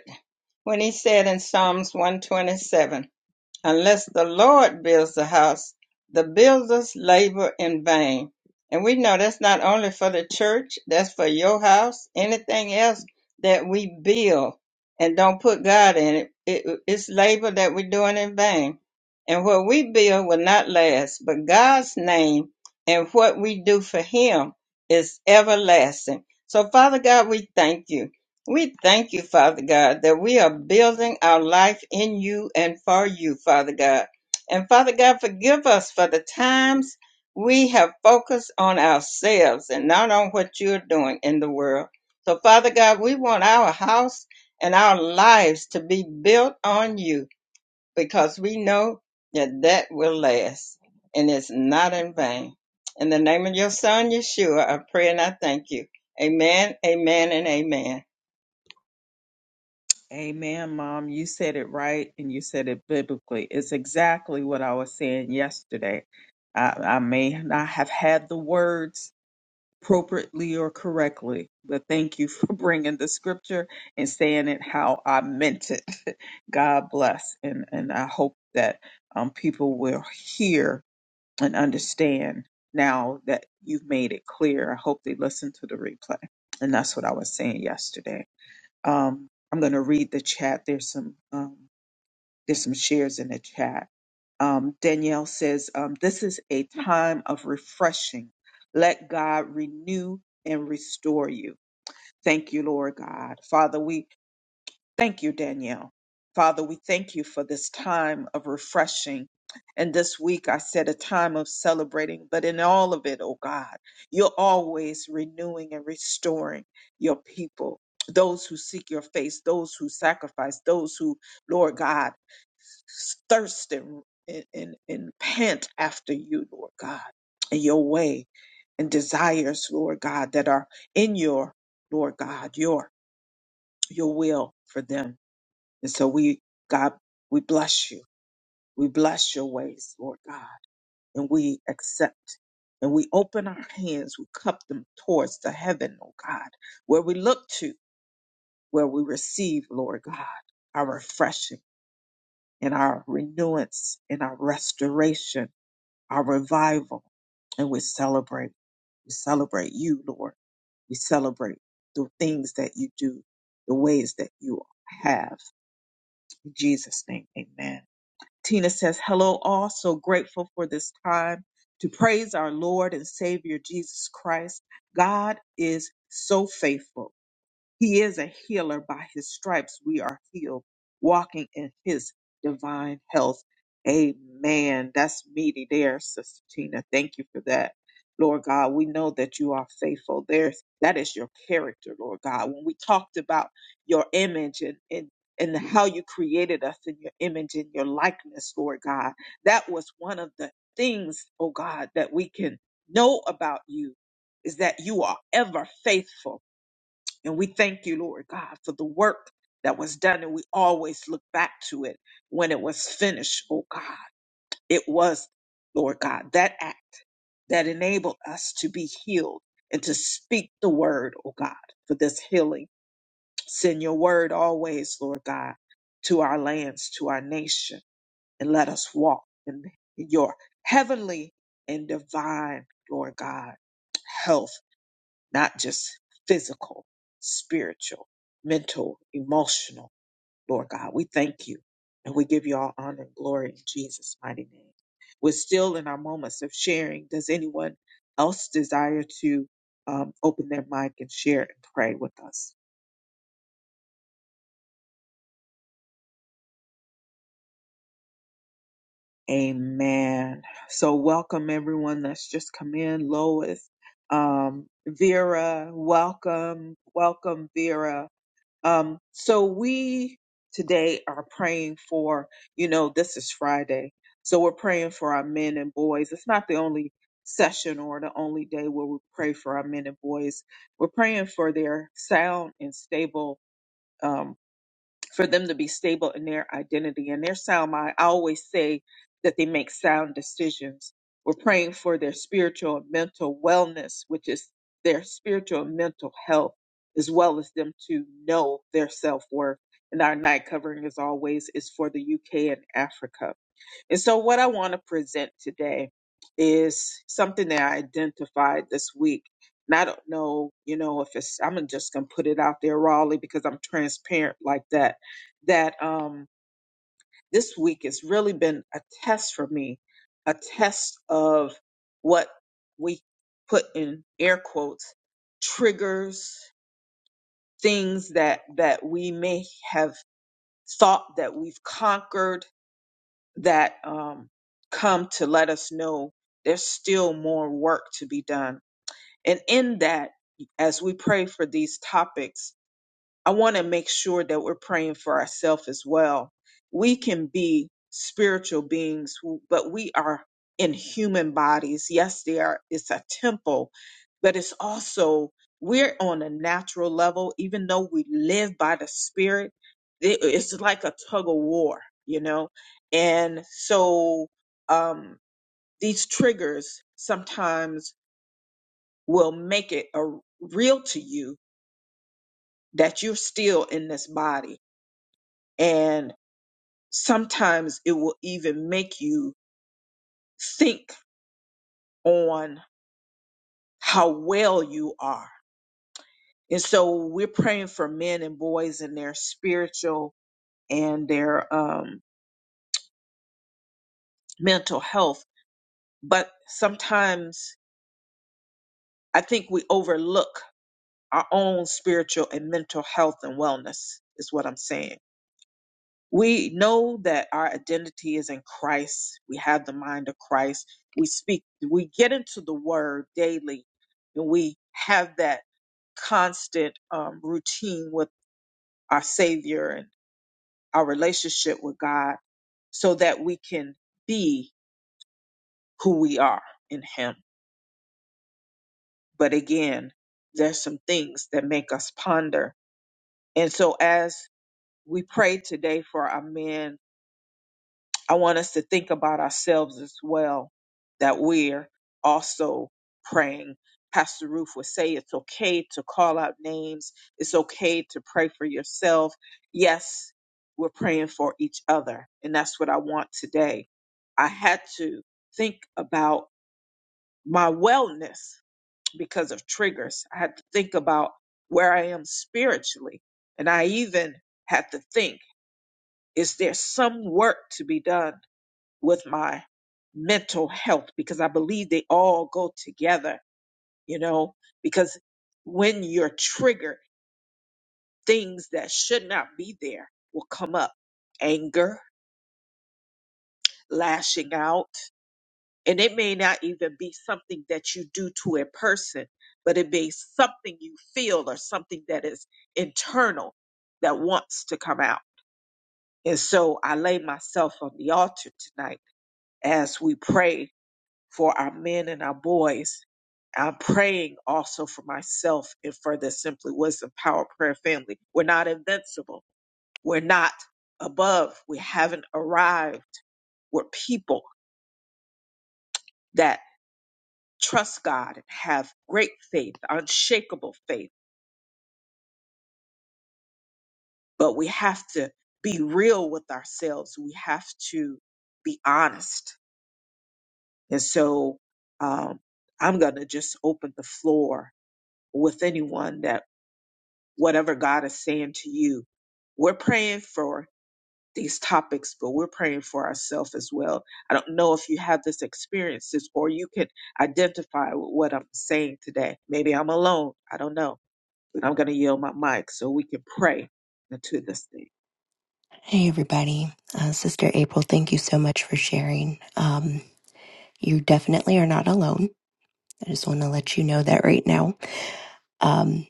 E: when he said in Psalms 127, Unless the Lord builds the house, the builders labor in vain. And we know that's not only for the church, that's for your house, anything else that we build and don't put God in it. it it's labor that we're doing in vain. And what we build will not last, but God's name and what we do for Him is everlasting. So, Father God, we thank you. We thank you, Father God, that we are building our life in you and for you, Father God. And Father God, forgive us for the times we have focused on ourselves and not on what you're doing in the world. So, Father God, we want our house and our lives to be built on you because we know that that will last and it's not in vain. In the name of your son, Yeshua, I pray and I thank you. Amen, amen, and amen.
A: Amen, Mom. You said it right and you said it biblically. It's exactly what I was saying yesterday. I, I may not have had the words appropriately or correctly, but thank you for bringing the scripture and saying it how I meant it. God bless. And, and I hope that um, people will hear and understand now that you've made it clear. I hope they listen to the replay. And that's what I was saying yesterday. Um, I'm going to read the chat. There's some um, there's some shares in the chat. Um, Danielle says um, this is a time of refreshing. Let God renew and restore you. Thank you, Lord God, Father. We Thank you, Danielle. Father, we thank you for this time of refreshing. And this week I said a time of celebrating, but in all of it, oh God, you're always renewing and restoring your people, those who seek your face, those who sacrifice, those who, Lord God, thirst and, and, and pant after you, Lord God, and your way and desires, Lord God, that are in your, Lord God, your, your will for them. And so we, God, we bless you. We bless your ways, Lord God, and we accept. And we open our hands, we cup them towards the heaven, oh God, where we look to, where we receive, Lord God, our refreshing and our renewance and our restoration, our revival. And we celebrate. We celebrate you, Lord. We celebrate the things that you do, the ways that you have. In Jesus' name, amen. Tina says, Hello, all. So grateful for this time to praise our Lord and Savior Jesus Christ. God is so faithful. He is a healer. By his stripes we are healed, walking in his divine health. Amen. That's meaty there, Sister Tina. Thank you for that. Lord God, we know that you are faithful. There's that is your character, Lord God. When we talked about your image and, and and how you created us in your image and your likeness, Lord God. That was one of the things, oh God, that we can know about you is that you are ever faithful and we thank you, Lord God, for the work that was done. And we always look back to it when it was finished, oh God. It was, Lord God, that act that enabled us to be healed and to speak the word, oh God, for this healing. Send your word always, Lord God, to our lands, to our nation, and let us walk in your heavenly and divine, Lord God, health not just physical, spiritual, mental, emotional, Lord God. We thank you and we give you all honor and glory in Jesus' mighty name. We're still in our moments of sharing. Does anyone else desire to um, open their mic and share and pray with us? Amen. So, welcome everyone that's just come in. Lois, um, Vera, welcome. Welcome, Vera. Um, so we today are praying for, you know, this is Friday. So we're praying for our men and boys. It's not the only session or the only day where we pray for our men and boys. We're praying for their sound and stable um, for them to be stable in their identity and their sound mind. I always say that they make sound decisions. We're praying for their spiritual and mental wellness, which is their spiritual and mental health, as well as them to know their self worth. And our night covering, as always, is for the UK and Africa. And so, what I want to present today is something that I identified this week. And I don't know, you know, if it's, I'm just going to put it out there, Raleigh, because I'm transparent like that. That um, this week has really been a test for me, a test of what we put in air quotes triggers, things that that we may have thought that we've conquered that um, come to let us know there's still more work to be done. And in that, as we pray for these topics, I want to make sure that we're praying for ourselves as well. We can be spiritual beings, who, but we are in human bodies. Yes, they are. It's a temple, but it's also we're on a natural level, even though we live by the Spirit. It- It's like a tug of war, you know. And so um, these triggers sometimes will make it a, real to you that you're still in this body sometimes it will even make you think on how well you are. And so we're praying for men and boys in their spiritual and their um, mental health. But sometimes I think we overlook our own spiritual and mental health and wellness, is what I'm saying We know that our identity is in Christ. We have the mind of Christ. We speak, we get into the word daily, and we have that constant um, routine with our Savior and our relationship with God so that we can be who we are in Him. But again, there's some things that make us ponder. And so as we pray today for our men I want us to think about ourselves as well, that we're also praying. Pastor Ruth would say it's okay to call out names, it's okay to pray for yourself. Yes, we're praying for each other, and that's what I want today. I had to think about my wellness because of triggers, I had to think about where I am spiritually, and I even had to think is there some work to be done? with my mental health because I believe they all go together, you know, because when you're triggered, things that should not be there will come up anger, lashing out, and it may not even be something that you do to a person, but it may be something you feel or something that is internal that wants to come out. And so I lay myself on the altar tonight as we pray for our men and our boys. I'm praying also for myself and for the Simply Wisdom Power Prayer family. We're not invincible. We're not above. We haven't arrived. We're people that trust God and have great faith, unshakable faith. But we have to be real with ourselves. We have to be honest. And so um, I'm going to just open the floor with anyone that whatever God is saying to you. We're praying for these topics, but we're praying for ourselves as well. I don't know if you have this experiences or you can identify with what I'm saying today. Maybe I'm alone. I don't know, but I'm going to yield my mic so we can pray into this thing.
F: Hey, everybody. Uh, Sister April, thank you so much for sharing. Um, you definitely are not alone. I just want to let you know that right now. Um,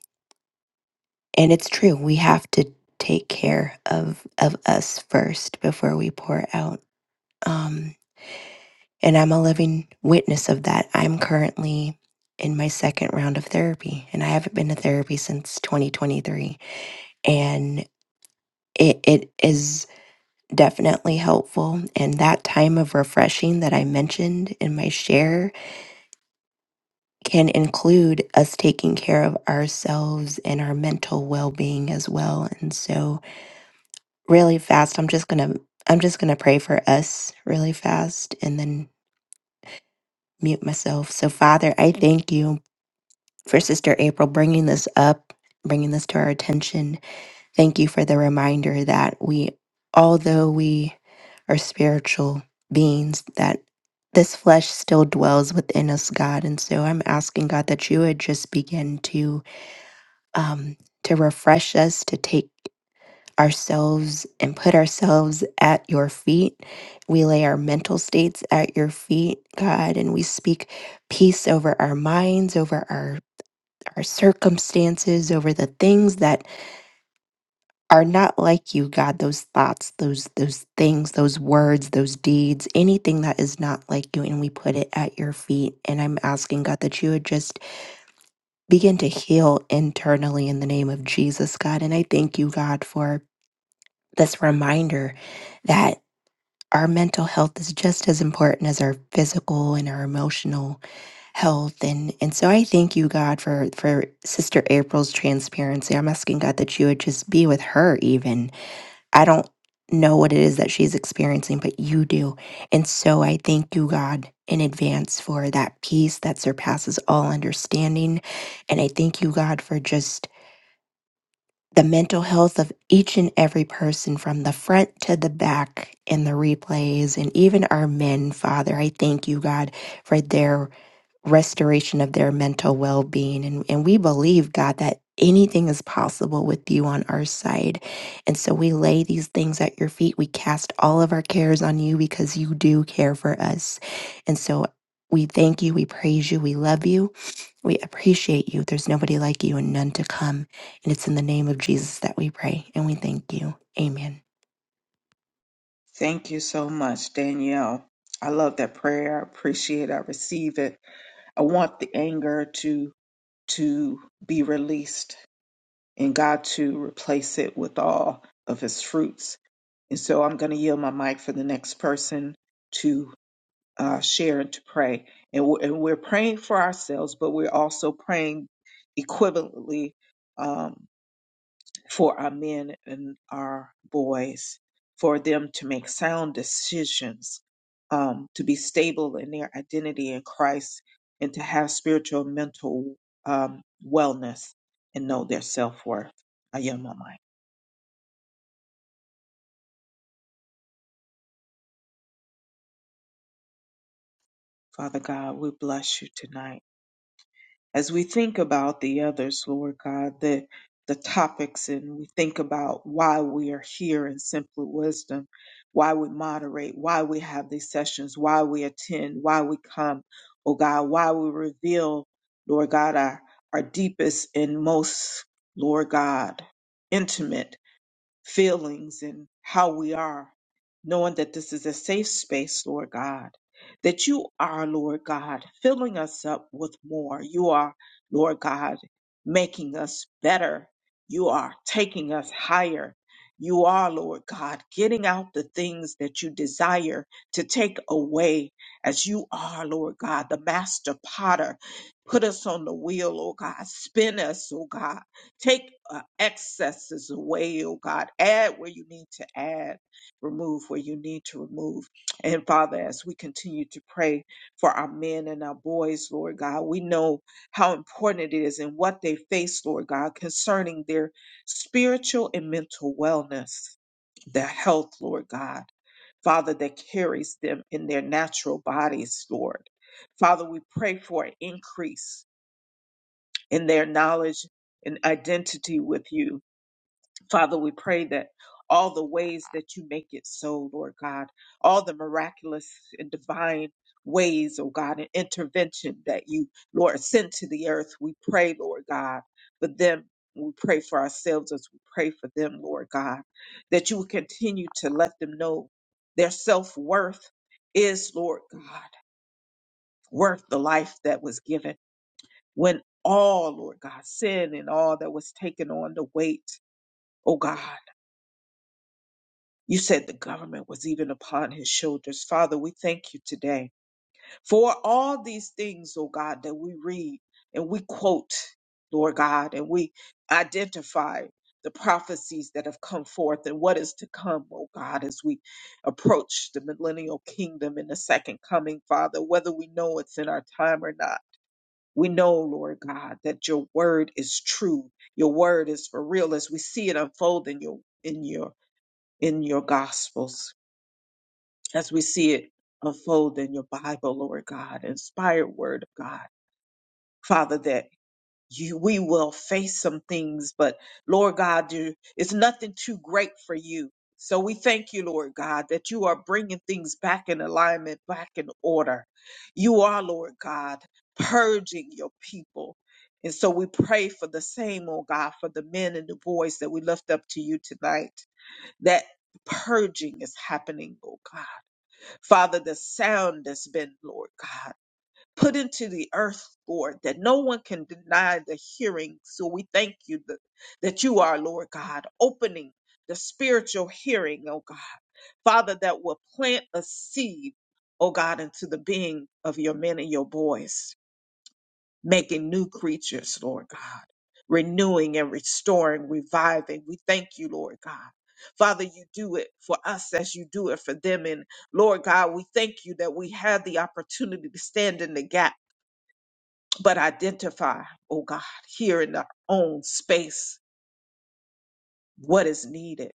F: and it's true. We have to take care of, of us first before we pour out. Um, and I'm a living witness of that. I'm currently in my second round of therapy, and I haven't been to therapy since 2023. And it, it is. definitely helpful. And that time of refreshing that I mentioned in my share can include us taking care of ourselves and our mental well being as well. And so, really fast, I'm just going to. I'm just going to pray for us really fast and then mute myself. So, Father, I thank you for Sister April bringing this up, bringing this to our attention Thank you for the reminder that we, although we are spiritual beings, that this flesh still dwells within us, God. And so I'm asking God that you would just begin to um, to refresh us, to take ourselves and put ourselves at your feet. We lay our mental states at your feet, God, and we speak peace over our minds, over our our circumstances, over the things that are not like you, God, those thoughts, those those things, those words, those deeds, anything that is not like you, and we put it at your feet. And I'm asking God that you would just begin to heal internally in the name of Jesus, God. And I thank you, God, for this reminder that our mental health is just as important as our physical and our emotional health and and so I thank you God for for sister April's transparency. I'm asking God that you would just be with her even I don't know what it is that she's experiencing, but you do. And so I thank you, God, in advance for that peace that surpasses all understanding. And I thank you, God, for just the mental health of each and every person from the front to the back in the replays and even our men, Father. I thank you, God, for their restoration of their mental well being. And, and we believe, God, that anything is possible with you on our side. And so we lay these things at your feet. We cast all of our cares on you because you do care for us. And so we thank you, we praise you, we love you, we appreciate you. There's nobody like you and none to come. And it's in the name of Jesus that we pray and we thank you. Amen.
A: Thank you so much, Danielle. I love that prayer. I appreciate it. I receive it. I want the anger to to be released and God to replace it with all of his fruits And so I'm going to yield my mic for the next person to uh, share and to pray. And we're, and we're praying for ourselves, but we're also praying equivalently um, for our men and our boys, for them to make sound decisions, um, to be stable in their identity in Christ, and to have spiritual and mental um, wellness and know their self worth. I yield my mic. Father God, we bless you tonight. as we think about the others, Lord God, the the topics and we think about why we are here in simple wisdom, why we moderate, why we have these sessions, why we attend, why we come, oh God, why we reveal, Lord God, our, our deepest and most, Lord God, intimate feelings and how we are, knowing that this is a safe space, Lord God, that you are, Lord God, filling us up with more. You are, Lord God, making us better. You are taking us higher. You are, Lord God, getting out the things that you desire to take away as you are, Lord God, the master potter. Put us on the wheel, oh God. Spin us, oh God Take uh, excesses away, oh God. Add where you need to add, remove where you need to remove. And Father, as we continue to pray for our men and our boys, Lord God, we know how important it is and what they face, Lord God, concerning their spiritual and mental wellness, their health, Lord God. Father, that carries them in their natural bodies, Lord. Father, we pray for an increase in their knowledge and identity with you Father, we pray that all the ways that you make it so, Lord God, all the miraculous and divine ways, oh God, and intervention that you, Lord, send to the earth, we pray, Lord God, for them. We pray for ourselves as we pray for them, Lord God, that you will continue to let them know their self worth is, Lord God, worth the life that was given when all, Lord God, sin and all that was taken on the weight, oh God. You said the government was even upon his shoulders. Father, we thank you today for all these things, oh God, that we read and we quote, Lord God, and we identify the prophecies that have come forth and what is to come, oh God, as we approach the millennial kingdom and the second coming, Father, whether we know it's in our time or not. We know, Lord God, that your word is true. Your word is for real as we see it unfold in your in your in your gospels as we see it unfold in your Bible, Lord God, inspired word of God, Father, that you, we will face some things, but Lord God, you, it's nothing too great for you. So we thank you, Lord God, that you are bringing things back in alignment, back in order. You are, Lord God, purging your people. And so we pray for the same, oh God, for the men and the boys that we lift up to you tonight. That purging is happening, oh God Father, the sound that's been, Lord God, put into the earth, Lord, that no one can deny the hearing. So we thank you that, that you are, Lord God, opening the spiritual hearing, oh God. Father, that will plant a seed, oh God, into the being of your men and your boys making new creatures, Lord God, renewing and restoring, reviving. We thank you, Lord God. Father, you do it for us as you do it for them. And Lord God, we thank you that we had the opportunity to stand in the gap, but identify, oh God, here in our own space what is needed.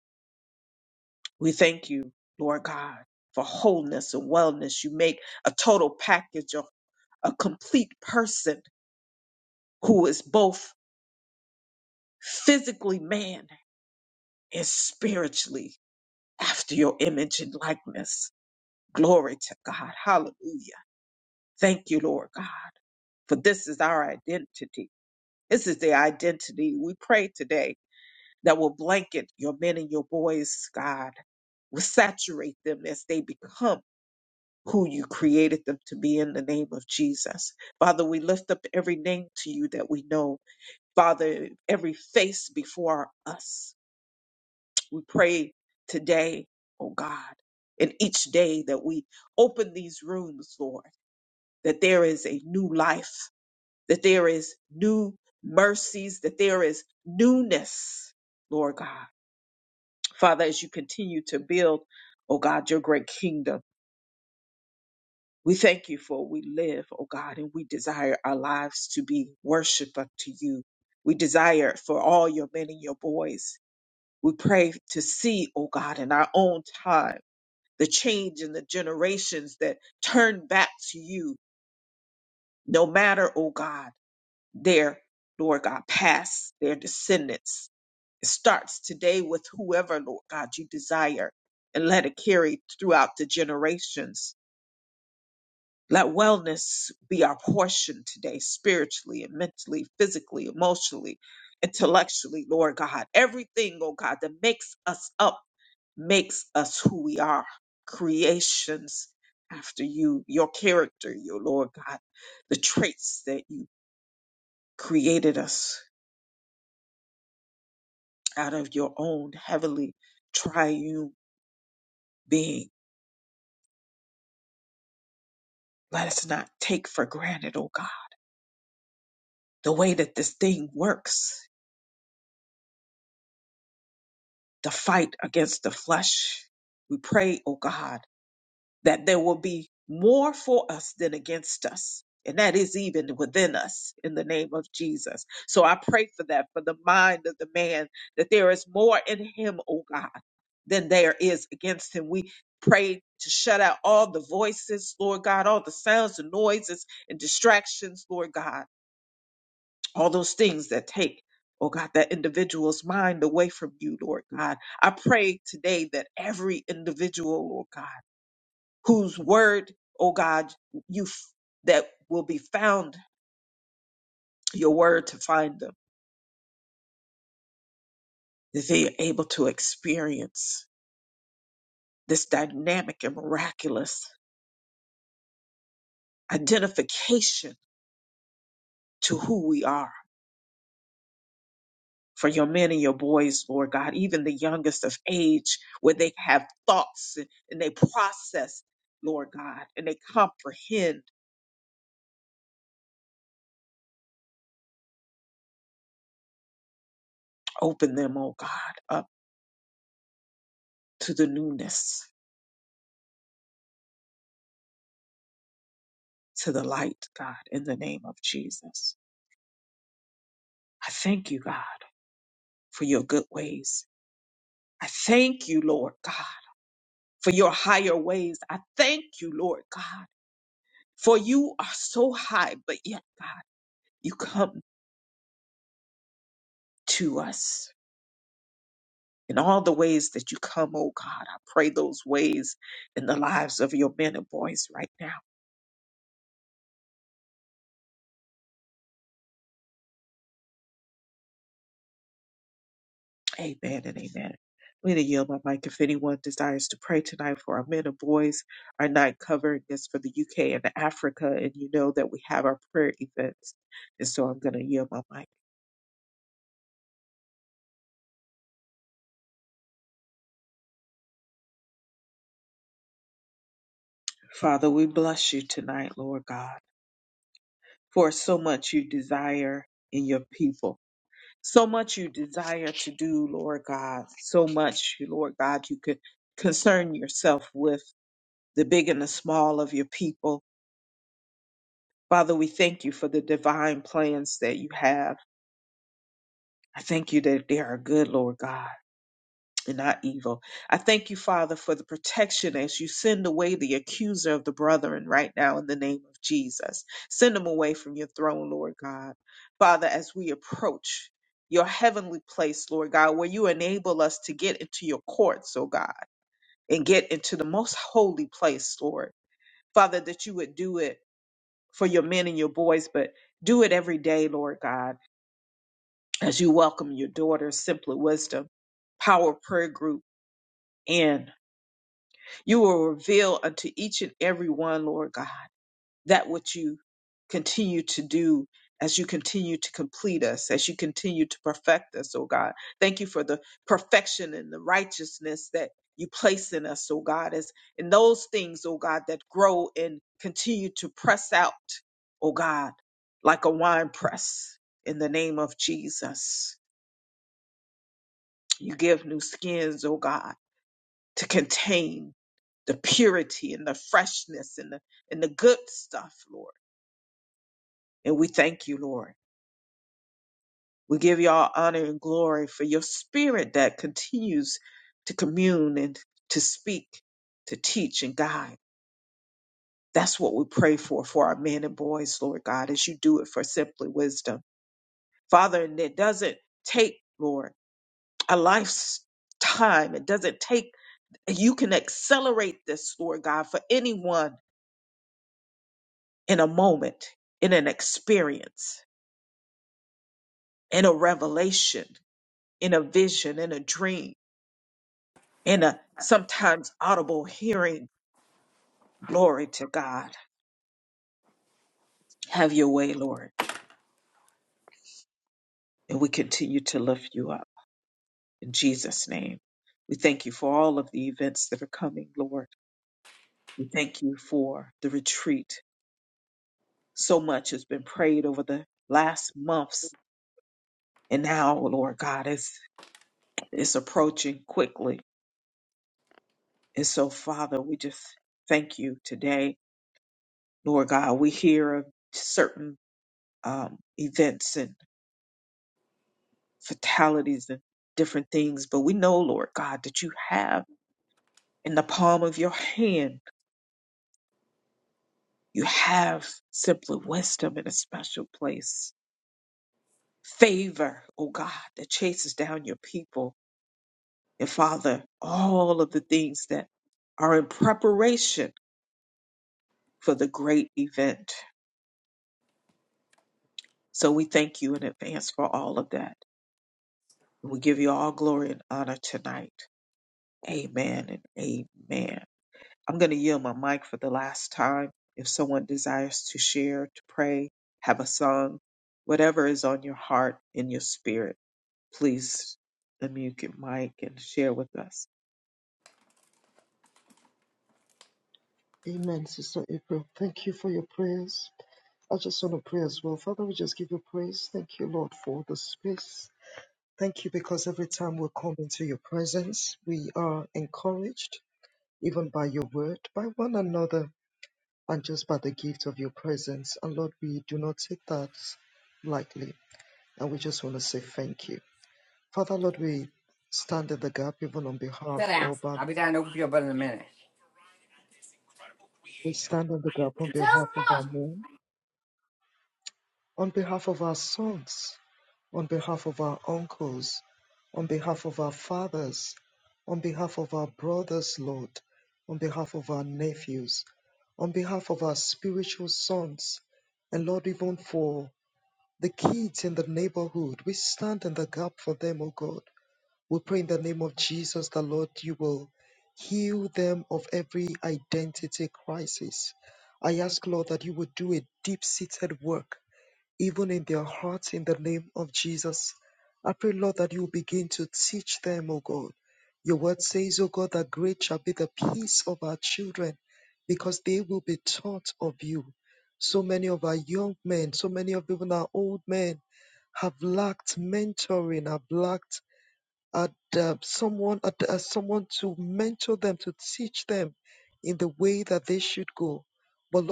A: We thank you, Lord God, for wholeness and wellness. You make a total package of a complete person who is both physically man is spiritually after your image and likeness. Glory to God. Hallelujah. Thank you, Lord God, for this is our identity. This is the identity we pray today that will blanket your men and your boys, God, will saturate them as they become who you created them to be in the name of Jesus. Father, we lift up every name to you that we know. Father, every face before us. We pray today, oh God, and each day that we open these rooms, Lord, that there is a new life, that there is new mercies, that there is newness, Lord God. Father, as you continue to build, oh God, your great kingdom, we thank you for we live, oh God, and we desire our lives to be worship unto you. We desire for all your men and your boys. We pray to see, oh God, in our own time the change in the generations that turn back to you, no matter, oh God, their, Lord God, past, their descendants. It starts today with whoever, Lord God, you desire, and let it carry throughout the generations. Let wellness be our portion today, spiritually and mentally, physically, emotionally, intellectually, Lord God. Everything, oh God, that makes us up makes us who we are, creations after you, your character, your Lord God, the traits that you created us out of your own heavenly triune being. Let us not take for granted, oh God, the way that this thing works, the fight against the flesh. We pray, oh God that there will be more for us than against us. And that is even within us in the name of Jesus. So I pray for that, for the mind of the man, that there is more in him, oh God, than there is against him. We pray to shut out all the voices, Lord God, all the sounds and noises and distractions, Lord God, all those things that take, oh God, that individual's mind away from you, Lord God. I pray today that every individual, Lord God, whose word, oh God, you f- that will be found your word to find them, that they are able to experience this dynamic and miraculous identification to who we are. For your men and your boys, Lord God, even the youngest of age, where they have thoughts and they process, Lord God, and they comprehend, open them, oh God, up to the newness, to the light, God, in the name of Jesus. I thank you, God. for your good ways. I thank you, Lord God, for your higher ways. I thank you, Lord God, for you are so high, but yet, God, you come to us in all the ways that you come, oh God. I pray those ways in the lives of your men and boys right now. Amen and amen. I'm going to yield my mic if anyone desires to pray tonight for our men and boys. Our night covering is for the UK and Africa, and you know that we have our prayer events. And so I'm going to yield my mic. Father, we bless you tonight, Lord God, for so much you desire in your people. So much you desire to do, Lord God. So much, Lord God, you could concern yourself with the big and the small of your people. Father, we thank you for the divine plans that you have. I thank you that they are good, Lord God. and not evil. I thank you, Father, for the protection as you send away the accuser of the brethren right now in the name of Jesus. Send them away from your throne, Lord God. Father, as we approach your heavenly place, Lord God, where you enable us to get into your courts, oh God, and get into the most holy place, Lord. Father, that you would do it for your men and your boys, but do it every day, Lord God, as you welcome your daughter, Simply Wisdom, Power Prayer Group in. You will reveal unto each and every one, Lord God, that which you continue to do as you continue to complete us, as you continue to perfect us, oh God. Thank you for the perfection and the righteousness that you place in us, oh God, as in those things, oh God, that grow and continue to press out, oh God, like a wine press in the name of Jesus. You give new skins, oh God to contain the purity and the freshness and the and the good stuff, Lord. And we thank you, Lord. We give you all honor and glory for your spirit that continues to commune and to speak, to teach and guide. That's what we pray for for our men and boys, Lord God, as you do it for simply wisdom. Father, and it doesn't take, Lord, a life's time. It doesn't take you can accelerate this, Lord God, for anyone in a moment, in an experience, in a revelation, in a vision, in a dream, in a sometimes audible hearing. Glory to God. Have your way, Lord. And we continue to lift you up in Jesus' name. We thank you for all of the events that are coming, Lord. We thank you for the retreat. So much has been prayed over the last months. And now, Lord God, it's, it's approaching quickly. And so, Father, we just thank you today Lord God, we hear of certain um, events and fatalities and different things, but we know, Lord God, that you have in the palm of your hand, you have simply wisdom in a special place, favor, oh God, that chases down your people. And Father, all of the things that are in preparation for the great event. So we thank you in advance for all of that. And we give you all glory and honor tonight. Amen and amen. I'm going to yield my mic for the last time. If someone desires to share, to pray, have a song, whatever is on your heart, in your spirit, please unmute your mic and share with us.
G: Sit down. I'll be down to open you up in a minute. Tell.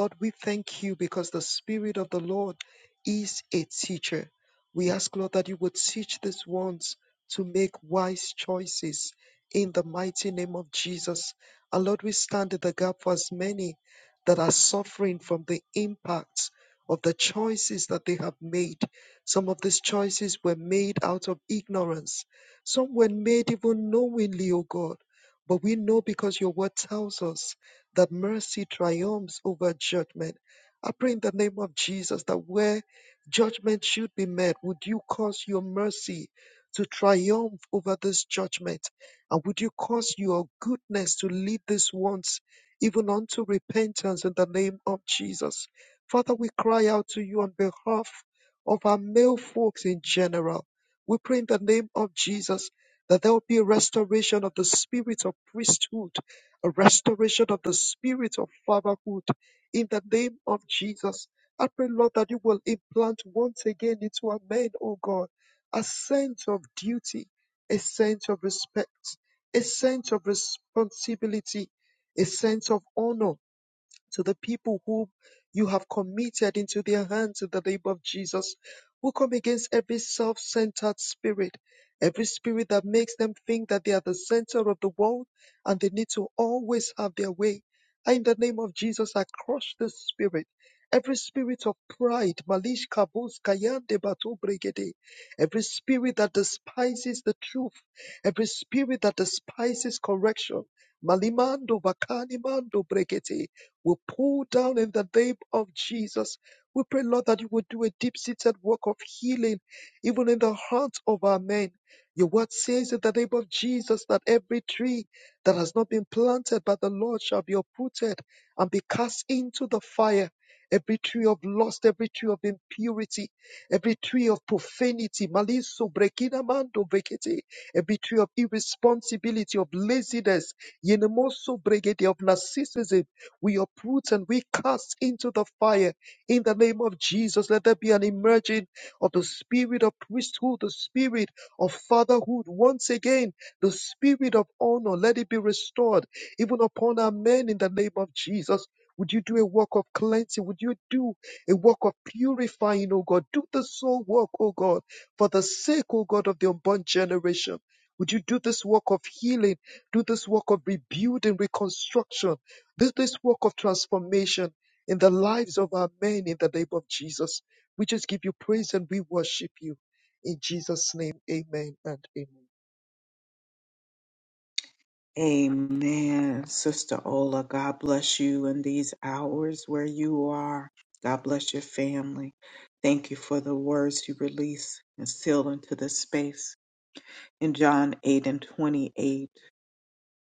H: Lord, we thank you because the Spirit of the Lord is a teacher. We ask, Lord, that you would teach these ones to make wise choices in the mighty name of Jesus. And Lord, we stand in the gap for as many that are suffering from the impacts of the choices that they have made. Some of these choices were made out of ignorance, some were made even knowingly, O God. But we know because your word tells us that mercy triumphs over judgment. I pray in the name of Jesus that where judgment should be made, would you cause your mercy to triumph over this judgment? And would you cause your goodness to lead these ones even unto repentance in the name of Jesus? Father, we cry out to you on behalf of our male folks in general. We pray in the name of Jesus that there will be a restoration of the spirit of priesthood a restoration of the spirit of fatherhood in the name of Jesus. I pray, Lord, that you will implant once again into our men, O God, a sense of duty, a sense of respect, a sense of responsibility, a sense of honor to the people whom you have committed into their hands in the name of Jesus. We come against every self centered spirit, every spirit that makes them think that they are the center of the world and they need to always have their way. In the name of Jesus, I crush the spirit. Every spirit of pride, malish kabos kayande bato bregede. Every spirit that despises the truth. Every spirit that despises correction. Malimando bakani mando bregete will pull down in the name of Jesus. We pray, Lord, that you will do a deep seated work of healing, even in the hearts of our men. Your word says in the name of Jesus that every tree that has not been planted by the Lord shall be uprooted and be cast into the fire. Every tree of lust, every tree of impurity, every tree of profanity, malice, brekina mando vekete, every tree of irresponsibility, of laziness, yenemoso bregede, of narcissism, we uproot and we cast into the fire. In the name of Jesus, let there be an emerging of the spirit of priesthood, the spirit of fatherhood. Once again, the spirit of honor, let it be restored even upon our men in the name of Jesus. Would you do a work of cleansing? Would you do a work of purifying, O God? Do the soul work, O God, for the sake, O God, of the unborn generation. Would you do this work of healing? Do this work of rebuilding, reconstruction? This, this work of transformation in the lives of our men in the name of Jesus. We just give you praise and we worship you. In Jesus' name, amen and amen.
A: Amen. Sister Ola, God bless you in these hours where you are. God bless your family. Thank you for the words you release and seal into this space. In John 8 and 28,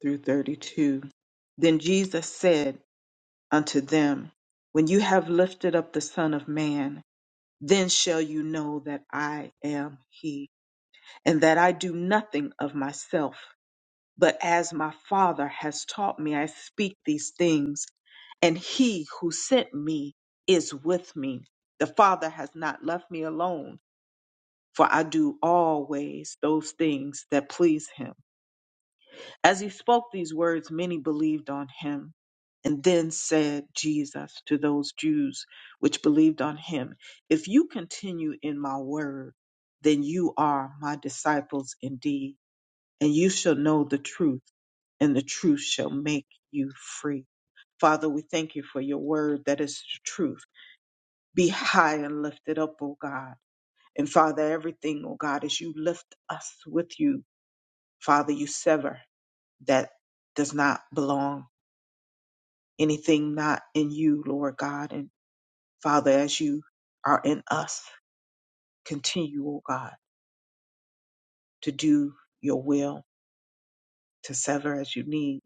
A: through 32. Then Jesus said unto them, When you have lifted up the Son of Man, then shall you know that I am he, and that I do nothing of myself, but as my Father has taught me, I speak these things, and he who sent me is with me. The Father has not left me alone, for I do always those things that please him. As he spoke these words, many believed on him. And then said Jesus to those Jews which believed on him, If you continue in my word, then you are my disciples indeed, and you shall know the truth, and the truth shall make you free. Father, we thank you for your word that is the truth. Be high and lifted up, O God. And Father, everything, O God, as you lift us with you, Father, you sever that does not belong, anything not in you, Lord God. And Father, as you are in us, continue, O God, to do your will, to sever as you need,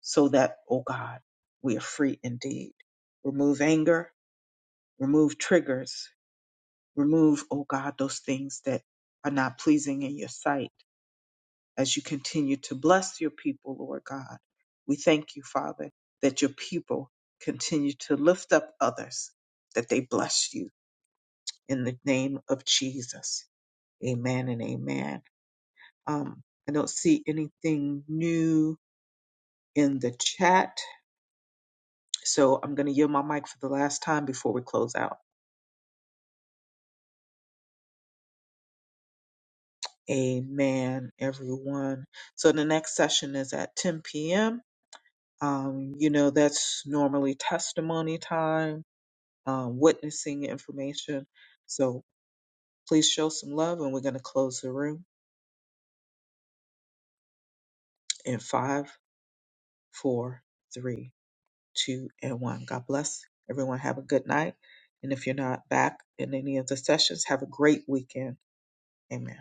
A: so that, O God, we are free indeed. Remove anger, remove triggers, remove, O God, those things that are not pleasing in your sight as you continue to bless your people, Lord God. We thank you, Father, that your people continue to lift up others, that they bless you in the name of Jesus. Amen and amen. Um, I don't see anything new in the chat, so I'm going to yield my mic for the last time before we close out. Amen, everyone. So the next session is at 10 p.m. Um, you know, that's normally testimony time um, witnessing information. So please show some love, and we're going to close the room in five, four, three, two, and one. God bless everyone. Have a good night. And if you're not back in any of the sessions, have a great weekend. Amen.